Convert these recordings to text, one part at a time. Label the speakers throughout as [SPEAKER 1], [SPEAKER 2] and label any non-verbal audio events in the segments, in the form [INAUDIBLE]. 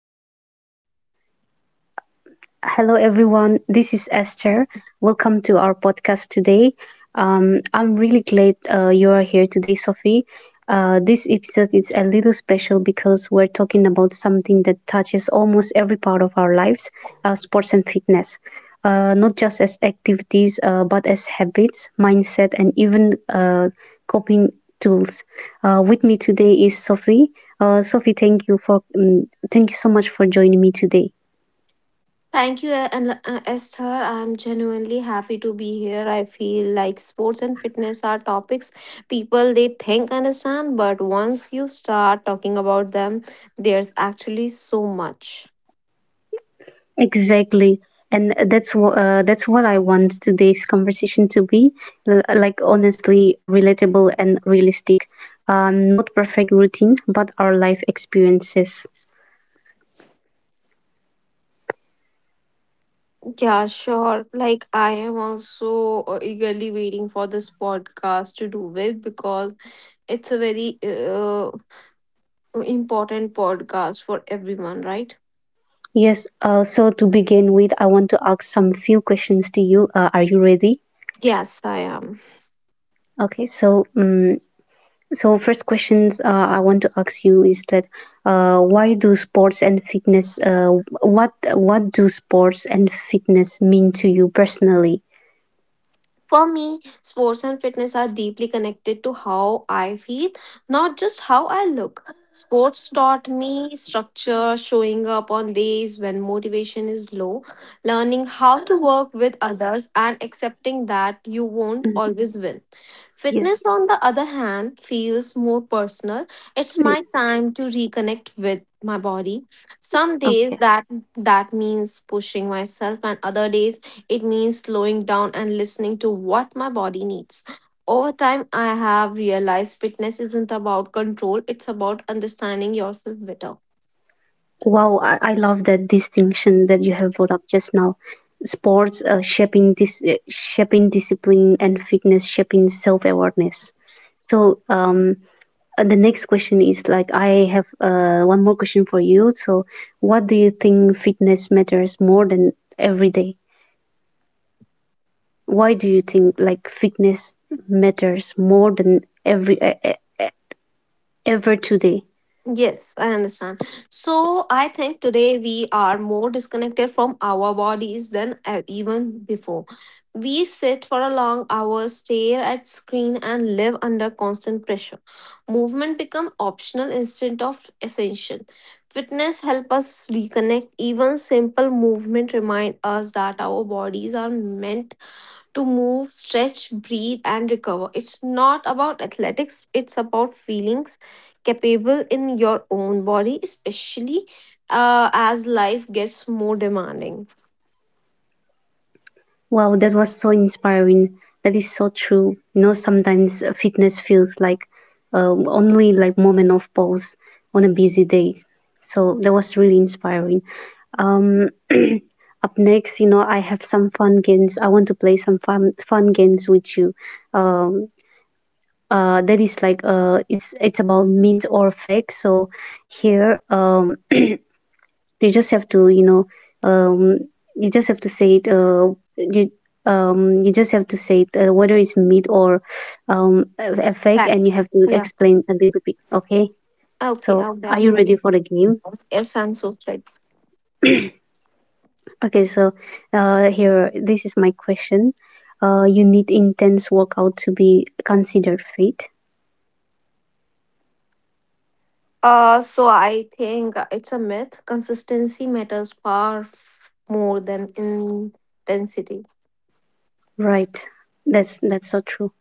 [SPEAKER 1] Yes, you are.
[SPEAKER 2] Hello, everyone. This is Esther. Welcome to our podcast today. I'm really glad you are here today, Sophie. This episode is a little special because we're talking about something that touches almost every part of our lives, sports and fitness. Not just as activities, but as habits, mindset, and even coping tools. With me today is Sophie. Sophie, thank you for thank you so much for joining me today.
[SPEAKER 1] Thank you, and Esther. I'm genuinely happy to be here. I feel like sports and fitness are topics people they think understand, but once you start talking about them, there's actually so much.
[SPEAKER 2] Exactly. And that's what I want today's conversation to be like honestly relatable and realistic. Not perfect routine, but our life experiences.
[SPEAKER 1] Yeah, sure. Like I am also eagerly waiting for this podcast to do with because it's a very uh, important podcast for everyone, right?
[SPEAKER 2] Yes. So to begin with, I want to ask some few questions to you. Are you ready?
[SPEAKER 1] Yes, I am.
[SPEAKER 2] Okay. So first questions I want to ask you is that why do sports and fitness what do sports and fitness mean to you personally?
[SPEAKER 1] For me, sports and fitness are deeply connected to how I feel, not just how I look. Sports taught me structure, showing up on days when motivation is low, learning how to work with others, and accepting that you won't
[SPEAKER 2] Mm.
[SPEAKER 1] always win. Fitness,
[SPEAKER 2] Yes.
[SPEAKER 1] on the other hand, feels more personal. It's my
[SPEAKER 2] Yes.
[SPEAKER 1] time to reconnect with my body. Some days
[SPEAKER 2] Okay.
[SPEAKER 1] that means pushing myself, and other days it means slowing down and listening to what my body needs. Over time, I have realized fitness isn't about control, it's about understanding yourself better.
[SPEAKER 2] Wow, I love that distinction that you have brought up just now. Sports shaping discipline, and fitness shaping self awareness. So um, the next question is like I have one more question for you. So, what do you think fitness matters more than every day? Why do you think like fitness matters more than ever today?
[SPEAKER 1] Yes, I understand. So I think today we are more disconnected from our bodies than even before. We sit for a long hour, stare at screen and live under constant pressure. Movement become optional instead of essential. Fitness help us reconnect. Even simple movement remind us that our bodies are meant to move, stretch, breathe, and recover. It's not about athletics, it's about feelings capable in your own body, especially as life gets more demanding.
[SPEAKER 2] Wow, that was so inspiring. That is so true. You know, sometimes fitness feels like only like moment of pause on a busy day. So that was really inspiring. Up next, you know, I have some fun games. I want to play some fun games with you. That is like it's about myth or fact. So here, you just have to, you know, um, you just have to say it. You you just have to say it, whether it's meat or a fake, and you
[SPEAKER 1] Fact.
[SPEAKER 2] have to
[SPEAKER 1] Yeah.
[SPEAKER 2] explain a little bit. Okay.
[SPEAKER 1] Okay.
[SPEAKER 2] So,
[SPEAKER 1] Okay,
[SPEAKER 2] are
[SPEAKER 1] I'm
[SPEAKER 2] you ready
[SPEAKER 1] ready.
[SPEAKER 2] for the game?
[SPEAKER 1] Yes, I'm so excited.
[SPEAKER 2] Okay. So, here, this is my question. You need intense workout to be considered fit.
[SPEAKER 1] So I think it's a myth. Consistency matters more than intensity.
[SPEAKER 2] Right. That's so true.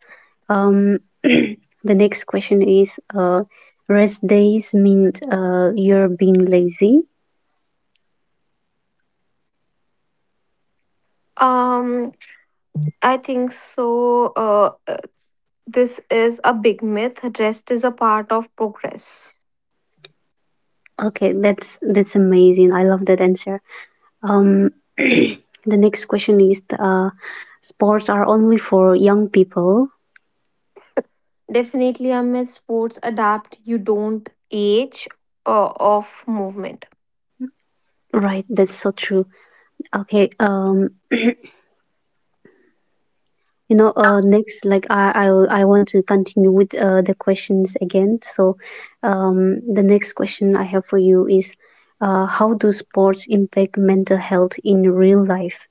[SPEAKER 2] [CLEARS THROAT] The next question is, rest days mean you're being lazy.
[SPEAKER 1] Um, I think so. This is a big myth. Rest is a part of progress.
[SPEAKER 2] Okay, that's amazing. I love that answer. Um, [CLEARS THROAT] the next question is, sports are only for young people,
[SPEAKER 1] Definitely a myth. Sports adapt. You don't age of movement.
[SPEAKER 2] right? That's so true. Okay, you know, next, like I want to continue with the questions again. So, the next question I have for you is, how do sports impact mental health in real life?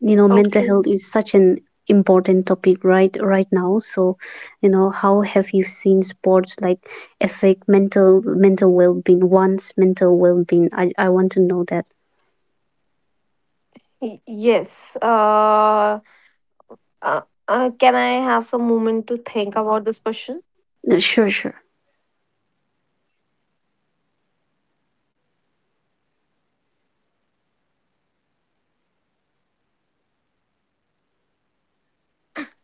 [SPEAKER 2] You know, mental
[SPEAKER 1] Okay.
[SPEAKER 2] health is such an important topic right now. So, you know, how have you seen sports like affect mental well-being, one's mental well-being? I want to know that.
[SPEAKER 1] Yes. Uh, can I have some moment to think about this question?
[SPEAKER 2] Sure.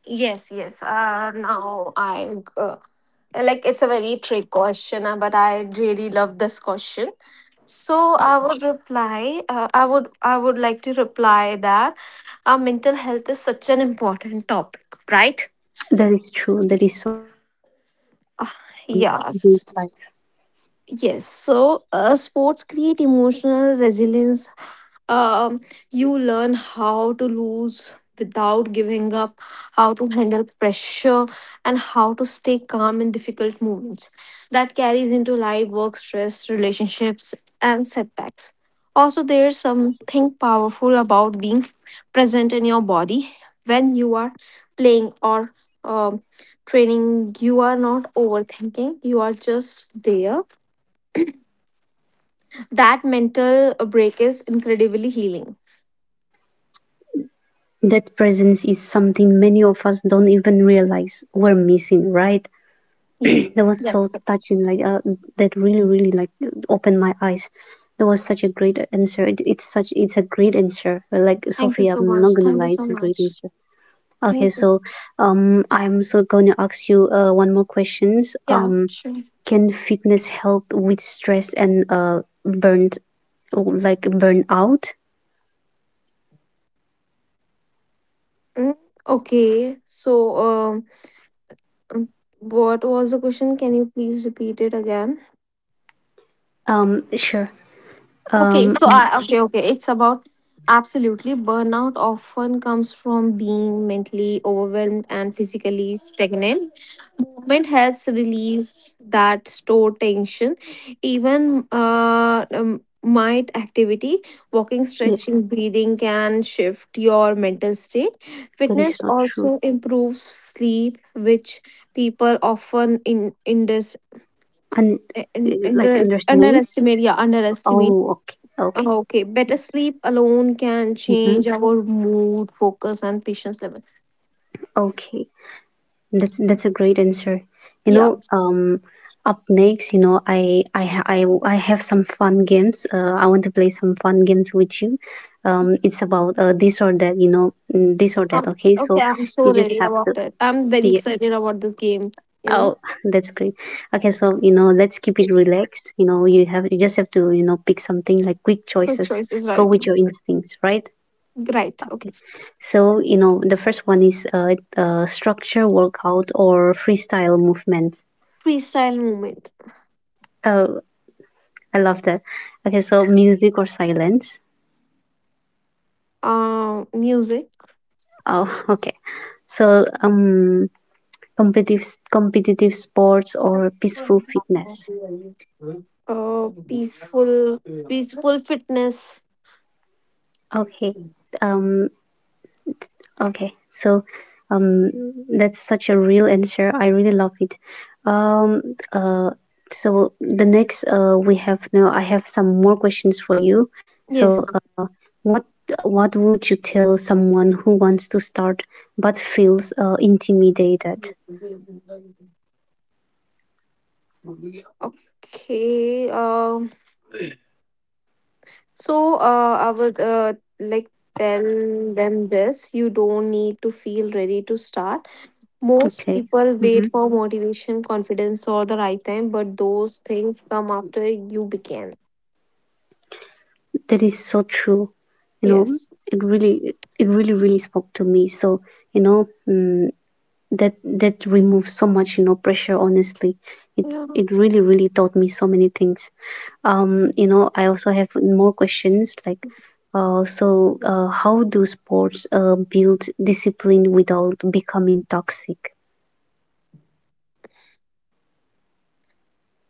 [SPEAKER 1] Yes, yes. Now I Like it's a very trick question, but I really love this question. So I would reply. I would like to reply that our mental health is such an important topic, right?
[SPEAKER 2] That is true, that is so.
[SPEAKER 1] Ah, Yes. Yes. So, sports create emotional resilience. um, you learn how to lose without giving up, how to handle pressure, and how to stay calm in difficult moments. That carries into life, work, stress, relationships, and setbacks. Also, there's something powerful about being present in your body when you are playing or um, training. You are not overthinking, you are just there. That mental break is incredibly healing.
[SPEAKER 2] That presence is something many of us don't even realize we're missing, right?
[SPEAKER 1] Yeah.
[SPEAKER 2] That was so
[SPEAKER 1] Yes.
[SPEAKER 2] touching, that really, really like opened my eyes. That was such a great answer. It's such it's a great answer. Like,
[SPEAKER 1] Thank you
[SPEAKER 2] Sophie,
[SPEAKER 1] so
[SPEAKER 2] I'm not
[SPEAKER 1] much.
[SPEAKER 2] gonna
[SPEAKER 1] Thank you
[SPEAKER 2] lie,
[SPEAKER 1] so
[SPEAKER 2] it's a great
[SPEAKER 1] much.
[SPEAKER 2] answer.
[SPEAKER 1] Thank
[SPEAKER 2] Okay,
[SPEAKER 1] you so
[SPEAKER 2] so
[SPEAKER 1] much.
[SPEAKER 2] I'm so gonna ask you one more questions.
[SPEAKER 1] Yeah, sure.
[SPEAKER 2] Can fitness help with stress and burned like burnout?
[SPEAKER 1] Mm. Okay, so um, um, what was the question? Can you please repeat it again?
[SPEAKER 2] Sure. Um,
[SPEAKER 1] Okay, so I okay Okay. It's about absolutely burnout often comes from being mentally overwhelmed and physically stagnant. Movement helps release that stored tension, even might activity
[SPEAKER 2] yes,
[SPEAKER 1] walking stretching breathing can shift your mental state.
[SPEAKER 2] that is so
[SPEAKER 1] Fitness
[SPEAKER 2] true.
[SPEAKER 1] also improves sleep, which people often
[SPEAKER 2] And
[SPEAKER 1] in
[SPEAKER 2] like
[SPEAKER 1] this
[SPEAKER 2] underestimate.
[SPEAKER 1] underestimate, yeah, underestimate.
[SPEAKER 2] Oh, okay, okay,
[SPEAKER 1] Okay, better sleep alone can
[SPEAKER 2] mm-hmm,
[SPEAKER 1] change our mood focus and patience level.
[SPEAKER 2] okay. That's a great answer. You
[SPEAKER 1] Yeah.
[SPEAKER 2] know, up next, you know, I ha- I have some fun games. I want to play some fun games with you. It's about this or that, you know, mm, this or that.
[SPEAKER 1] Um,
[SPEAKER 2] Okay,
[SPEAKER 1] okay,
[SPEAKER 2] so
[SPEAKER 1] I'm so
[SPEAKER 2] you just
[SPEAKER 1] ready
[SPEAKER 2] have to
[SPEAKER 1] about it. I'm very
[SPEAKER 2] yeah.
[SPEAKER 1] excited about this game. You know,
[SPEAKER 2] Oh, [LAUGHS] that's great. Okay, so, you know, let's keep it relaxed. You know, you just have to, you know, pick something like quick
[SPEAKER 1] good
[SPEAKER 2] choices.
[SPEAKER 1] choice is
[SPEAKER 2] Go
[SPEAKER 1] right.
[SPEAKER 2] with your instincts, right?
[SPEAKER 1] Right. Okay.
[SPEAKER 2] Okay. So, you know, the first one is structure workout or freestyle movement.
[SPEAKER 1] Freestyle movement.
[SPEAKER 2] Oh, I love that. Okay, so music or silence?
[SPEAKER 1] Music.
[SPEAKER 2] Oh, [LAUGHS] okay. So, competitive sports or peaceful fitness.
[SPEAKER 1] Peaceful, peaceful fitness.
[SPEAKER 2] Okay. Um, okay. So, um, that's such a real answer. I really love it. Um, uh, so the next we have, now I have some more questions for you.
[SPEAKER 1] Yes.
[SPEAKER 2] So, what what would you tell someone who wants to start but feels intimidated?
[SPEAKER 1] Okay. So, I would like tell them this. You don't need to feel ready to start. Most
[SPEAKER 2] Okay.
[SPEAKER 1] people
[SPEAKER 2] Hmm.
[SPEAKER 1] wait for motivation, confidence, or the right time, but those things come after you begin.
[SPEAKER 2] That is so true. You know,
[SPEAKER 1] Yes.
[SPEAKER 2] it really, really spoke to me. So, you know, mm, that that removes so much, you know, pressure. Honestly, it
[SPEAKER 1] Yeah.
[SPEAKER 2] it really, really taught me so many things. You know, I also have more questions like, uh, so how do sports build discipline without becoming toxic?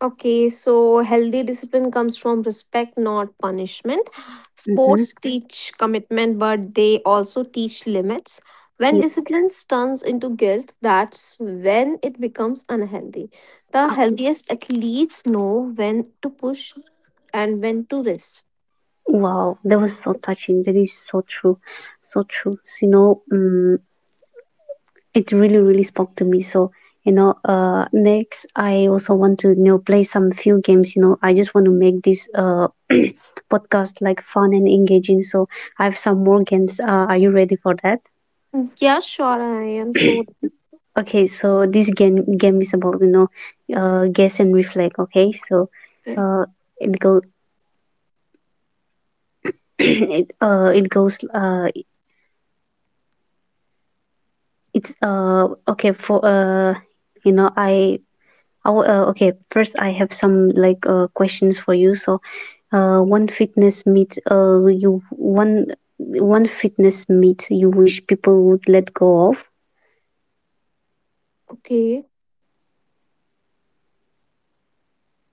[SPEAKER 1] Okay, so healthy discipline comes from respect, not punishment.
[SPEAKER 2] Mm-hmm.
[SPEAKER 1] Sports teach commitment, but they also teach limits. When
[SPEAKER 2] Yes.
[SPEAKER 1] discipline turns into guilt, that's when it becomes unhealthy. The
[SPEAKER 2] Okay.
[SPEAKER 1] healthiest athletes know when to push and when to rest.
[SPEAKER 2] Wow, that was so touching. That is so true, so true. So, you know, mm, it really really spoke to me. So, you know, next, I also want to, you know, play some few games. You know, I just want to make this podcast like fun and engaging. So I have some more games. Are you ready for that?
[SPEAKER 1] Yeah, sure, I am so.
[SPEAKER 2] Okay, so this game is about, you know, guess and reflect. Okay, so uh it go [CLEARS THROAT] it it goes it's okay for you know I Oh, okay. First, I have some questions for you. So, one fitness meet you one one fitness meet you wish people would let go of.
[SPEAKER 1] Okay.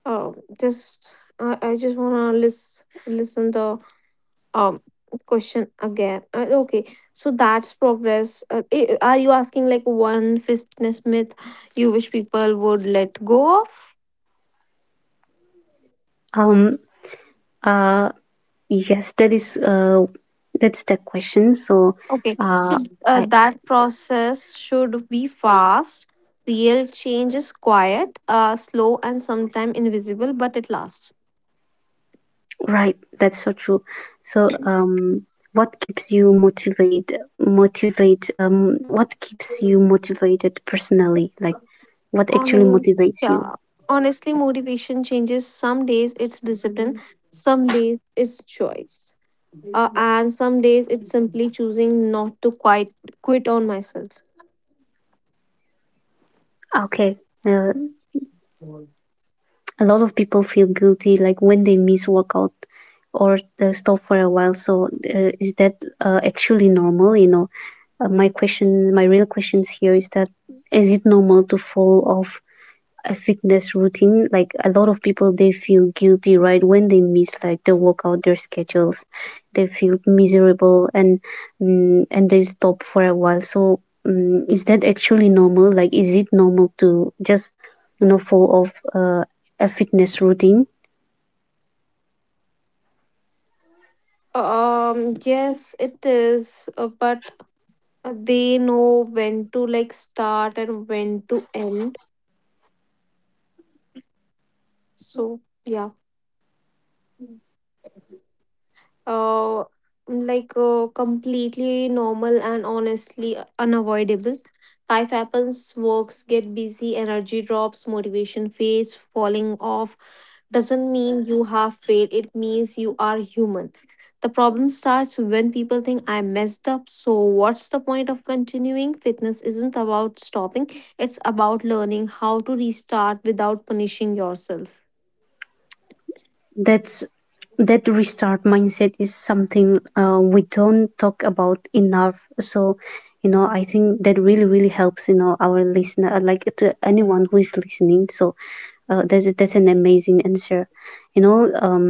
[SPEAKER 1] Oh, I just wanna listen the um question again. Okay, so that's progress. Are you asking like one fitness myth you wish people would let go of?
[SPEAKER 2] Um. Uh. Yes, that is that's the question. So,
[SPEAKER 1] Okay, so
[SPEAKER 2] uh, I
[SPEAKER 1] that process should be fast. Real change is quiet, slow, and sometimes invisible, but it lasts.
[SPEAKER 2] right. That's so true. So, what keeps you motivated personally? Like, what actually
[SPEAKER 1] Honest,
[SPEAKER 2] motivates you?
[SPEAKER 1] yeah. Honestly, motivation changes. Some days it's discipline, some days it's choice, and some days it's simply choosing not to quit on myself.
[SPEAKER 2] Okay. Uh. A lot of people feel guilty like when they miss workout or stop for a while. So is that actually normal you know my question my real questions here is that, is it normal to fall off a fitness routine? Like a lot of people, they feel guilty, right, when they miss like their workout, their schedules, they feel miserable and mm and they stop for a while. So mm is that actually normal? Like, is it normal to just, you know, fall off a fitness routine?
[SPEAKER 1] Yes, it is. But they know when to like start and when to end. So yeah. uh Completely normal and honestly unavoidable. Life happens, works get busy, energy drops, motivation fades. Falling off doesn't mean you have failed, it means you are human. The problem starts when people think I messed up, so what's the point of continuing? Fitness isn't about stopping, it's about learning how to restart without punishing yourself.
[SPEAKER 2] That's that restart mindset is something we don't talk about enough. So, you know, I think that really really helps, you know, our listener, like, to anyone who is listening. So, uh, that's an amazing answer. You know, um,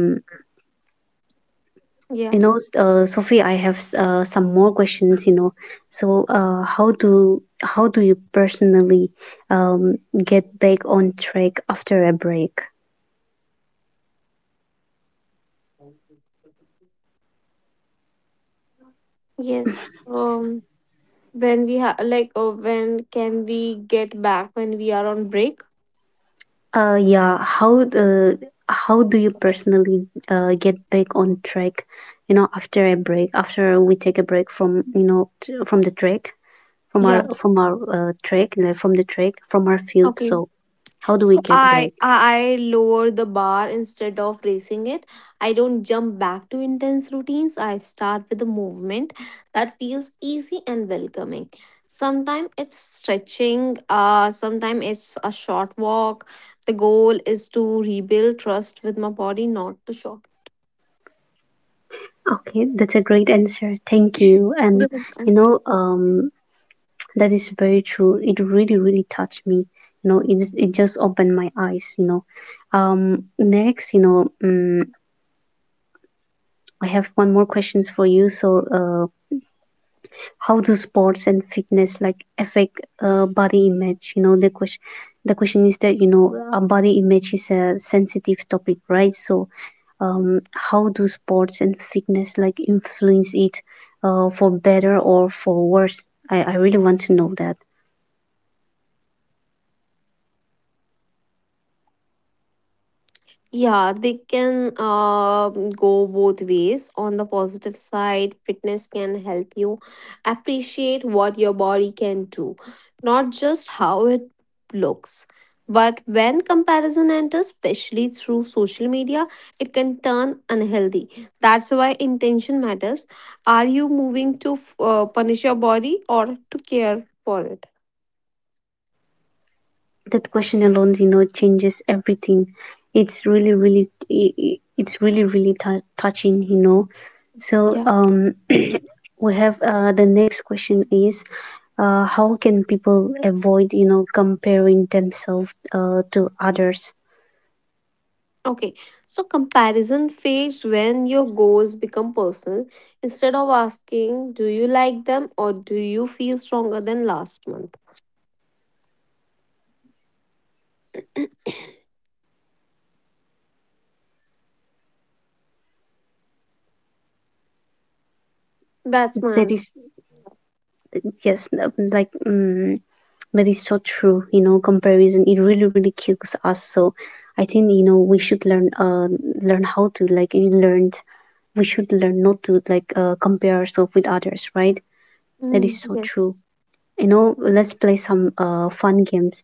[SPEAKER 2] you
[SPEAKER 1] Yeah.
[SPEAKER 2] know, Sophie, I have some more questions. You know, so how do you personally get back on track after a break?
[SPEAKER 1] Yes. When we have like oh, when can we get back when we are on break?
[SPEAKER 2] Yeah, how do you
[SPEAKER 1] Okay.
[SPEAKER 2] personally get back on track? You know, after a break, after we take a break from you know from the track, from
[SPEAKER 1] Yeah.
[SPEAKER 2] our track, like, from the track, from our field.
[SPEAKER 1] Okay.
[SPEAKER 2] So how do
[SPEAKER 1] So
[SPEAKER 2] we get
[SPEAKER 1] I
[SPEAKER 2] back?
[SPEAKER 1] I I lower the bar instead of raising it. I don't jump back to intense routines. I start with a movement that feels easy and welcoming. Sometimes it's stretching, sometimes it's a short walk. The goal is to rebuild trust with my body, not to
[SPEAKER 2] Okay, that's a great answer. Thank you. And you
[SPEAKER 1] shock.
[SPEAKER 2] know, that is very true. It really, really touched me. You know, it just opened my eyes. You know, next, you know, I have one more questions for you. So, how do sports and fitness like affect body image? You know, the question is that, you know, body image is a sensitive topic, right? So, how do sports and fitness like influence it for better or for worse? I really want to know that.
[SPEAKER 1] Yeah, they can go both ways. On the positive side, fitness can help you appreciate what your body can do, not just how it looks. But when comparison enters, especially through social media, it can turn unhealthy. That's why intention matters. Are you moving to punish your body or to care for it?
[SPEAKER 2] That question alone, you know, changes everything. It's really, really, it's really, really touching, you know. So we have the
[SPEAKER 1] Yeah.
[SPEAKER 2] next question is, how can people avoid, you know, comparing themselves to others?
[SPEAKER 1] Okay, so comparison fades when your goals become personal. Instead of asking, do you like them or do you feel stronger than last month? [CLEARS THROAT] That's my
[SPEAKER 2] That
[SPEAKER 1] answer.
[SPEAKER 2] is, yes, like. Mm. That is so true. You know, comparison, it really really kills us. So I think, you know, we should learn learn how to like you learned we should learn not to like compare ourselves with others, right? That is
[SPEAKER 1] Mm,
[SPEAKER 2] so true.
[SPEAKER 1] yes.
[SPEAKER 2] You know, let's play some fun games.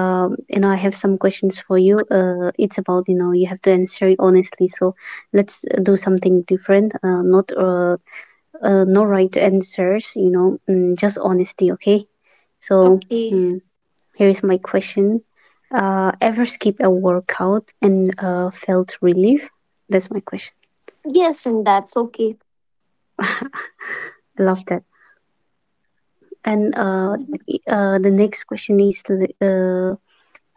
[SPEAKER 2] You know, I have some questions for you. It's about, you know, you have to answer it honestly. So let's do something different. Not No right answers. You know, mm, just honesty. Okay. So.
[SPEAKER 1] Okay.
[SPEAKER 2] Mm. Here's my question. Ever skip a workout and felt relief? That's my question.
[SPEAKER 1] Yes, and that's okay.
[SPEAKER 2] I love that. And the next question is uh,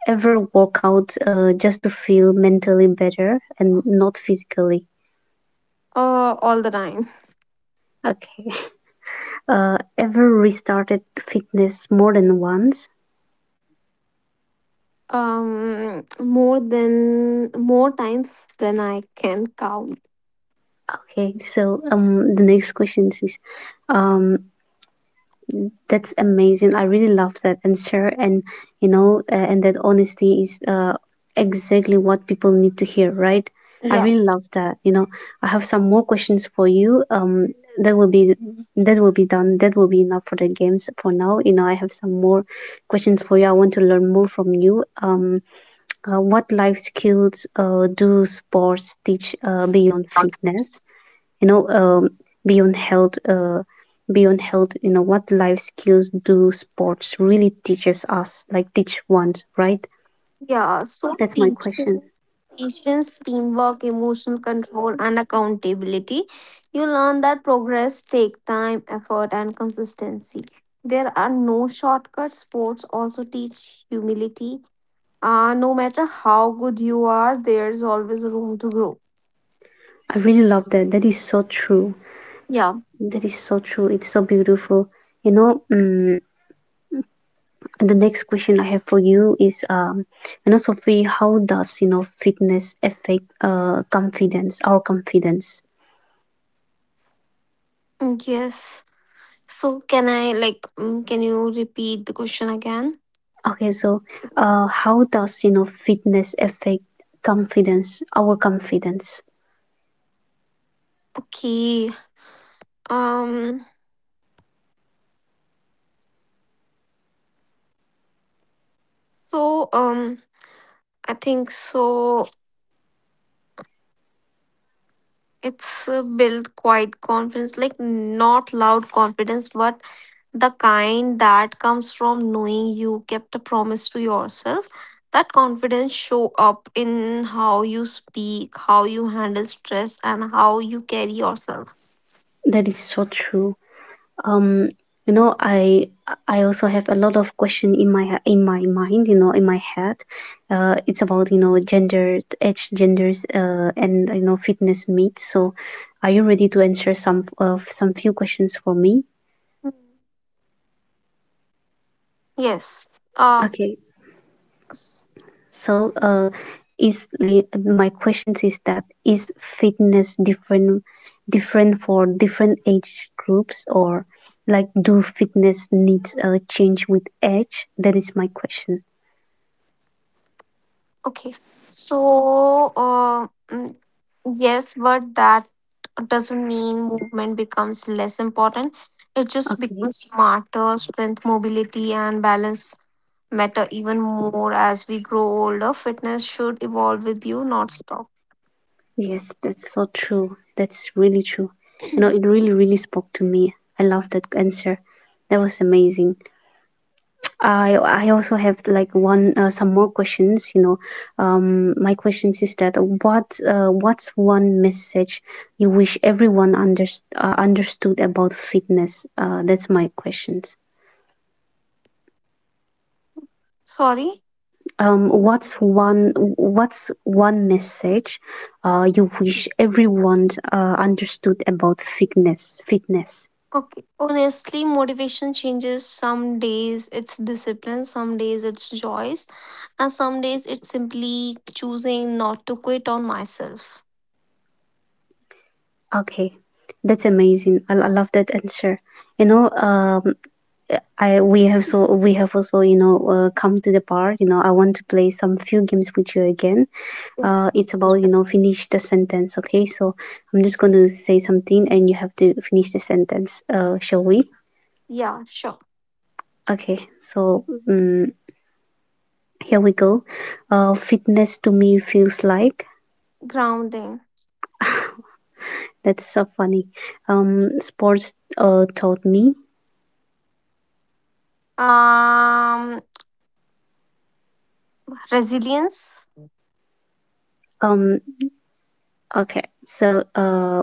[SPEAKER 2] ever workout just to feel mentally better and not physically?
[SPEAKER 1] All the time.
[SPEAKER 2] Okay. [LAUGHS] Ever restarted fitness more than once?
[SPEAKER 1] More than more times than I can count.
[SPEAKER 2] Okay. So the next question is um, that's amazing. I really love that answer, and you know, and that honesty is exactly what people need to hear, right? I
[SPEAKER 1] Yeah.
[SPEAKER 2] really love that. You know, I have some more questions for you. That will be done. That will be enough for the games for now. You know, I have some more questions for you. I want to learn more from you. What life skills do sports teach beyond fitness? you know um, Beyond health, beyond health, what life skills do sports really teaches us, like teach ones, right?
[SPEAKER 1] Yeah, so
[SPEAKER 2] That's my
[SPEAKER 1] patience,
[SPEAKER 2] question.
[SPEAKER 1] patience, teamwork, emotion control, and accountability. You learn that progress take time, effort, and consistency. There are no shortcuts. Sports also teach humility. No matter how good you are, there's always room to grow.
[SPEAKER 2] I really love that. That is so true.
[SPEAKER 1] Yeah.
[SPEAKER 2] That is so true. It's so beautiful. you know um, the next question I have for you is Sophie, how does fitness affect confidence, our confidence?
[SPEAKER 1] Mm, yes. So can I can you repeat the question again?
[SPEAKER 2] Okay, so how does fitness affect confidence, our confidence?
[SPEAKER 1] Okay. Um so um I think so. It's Build quiet confidence, like not loud confidence, but the kind that comes from knowing you kept a promise to yourself. That confidence show up in how you speak, how you handle stress, and how you carry yourself.
[SPEAKER 2] That is so true. Um, you know, I also have a lot of question in my mind, you know, in my head. It's about, you know, genders, age, genders, and you know, fitness meet. So are you ready to answer some few questions for me?
[SPEAKER 1] Mm. Yes. Uh.
[SPEAKER 2] Okay, so, is my question is that, is fitness different, for different age groups? Or like, do fitness needs change with age? That is my question.
[SPEAKER 1] Okay. So, yes, but that doesn't mean movement becomes less important. It just
[SPEAKER 2] Okay.
[SPEAKER 1] becomes smarter. Strength, mobility, and balance matter even more as we grow older. Fitness should evolve with you, not stop.
[SPEAKER 2] Yes, that's so true. That's really true. You
[SPEAKER 1] [CLEARS THROAT]
[SPEAKER 2] know, it really, really spoke to me. I love that answer. That was amazing. I also have like one, some more questions. You know, my questions is that, what what's one message you wish everyone understood about fitness? That's my questions.
[SPEAKER 1] Sorry.
[SPEAKER 2] What's one message, you wish everyone understood about fitness? Fitness.
[SPEAKER 1] Okay. Honestly, motivation changes. Some days it's discipline, some days it's joys, and some days it's simply choosing not to quit on myself.
[SPEAKER 2] Okay, that's amazing. I love that answer. You know, I, we have so, we have also, you know, come to the part, you know, I want to play some few games with you again.
[SPEAKER 1] Yes.
[SPEAKER 2] It's about, you know, finish the sentence. Okay, so I'm just going to say something and you have to finish the sentence. Shall we?
[SPEAKER 1] Yeah, sure.
[SPEAKER 2] Okay, so here we go. Fitness to me feels like...
[SPEAKER 1] Grounding.
[SPEAKER 2] That's so funny. Sports taught me.
[SPEAKER 1] Um, resilience
[SPEAKER 2] Um, okay, so uh,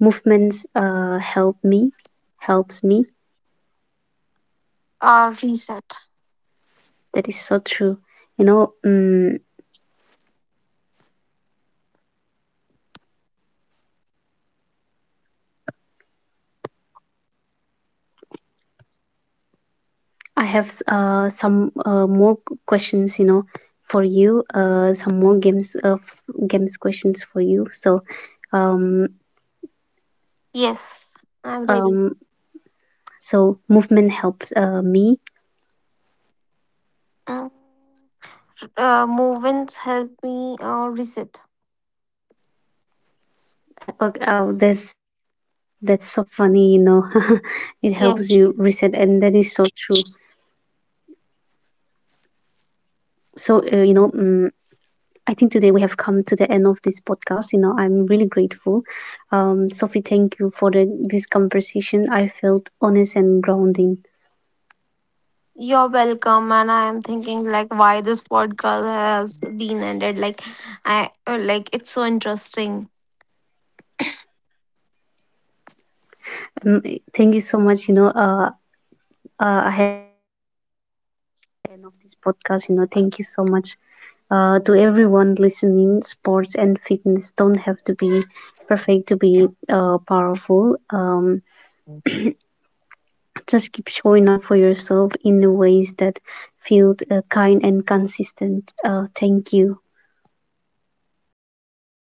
[SPEAKER 2] Movement helps me...
[SPEAKER 1] or reset.
[SPEAKER 2] That is so true. You know, I have, some more questions, you know, for you, some more games, games questions for you. So, um,
[SPEAKER 1] Yes, I'm ready.
[SPEAKER 2] um, so movement helps me.
[SPEAKER 1] Mm. Movements help me reset.
[SPEAKER 2] Oh, oh, that's so funny. You know, [LAUGHS] it helps you reset, and that is so true.
[SPEAKER 1] Yes,
[SPEAKER 2] So, I think today we have come to the end of this podcast. You know, I'm really grateful. Sophie, thank you for this conversation. I felt honest and grounding.
[SPEAKER 1] you're welcome. And I am thinking like why this podcast has been ended. Like I like it's so interesting.
[SPEAKER 2] Um, Thank you so much. You know, ahead of this podcast, you know, thank you so much. To everyone listening, sports and fitness don't have to be perfect to be powerful. Just keep showing up for yourself in the ways that feel kind and consistent. Thank you.
[SPEAKER 1] You're welcome.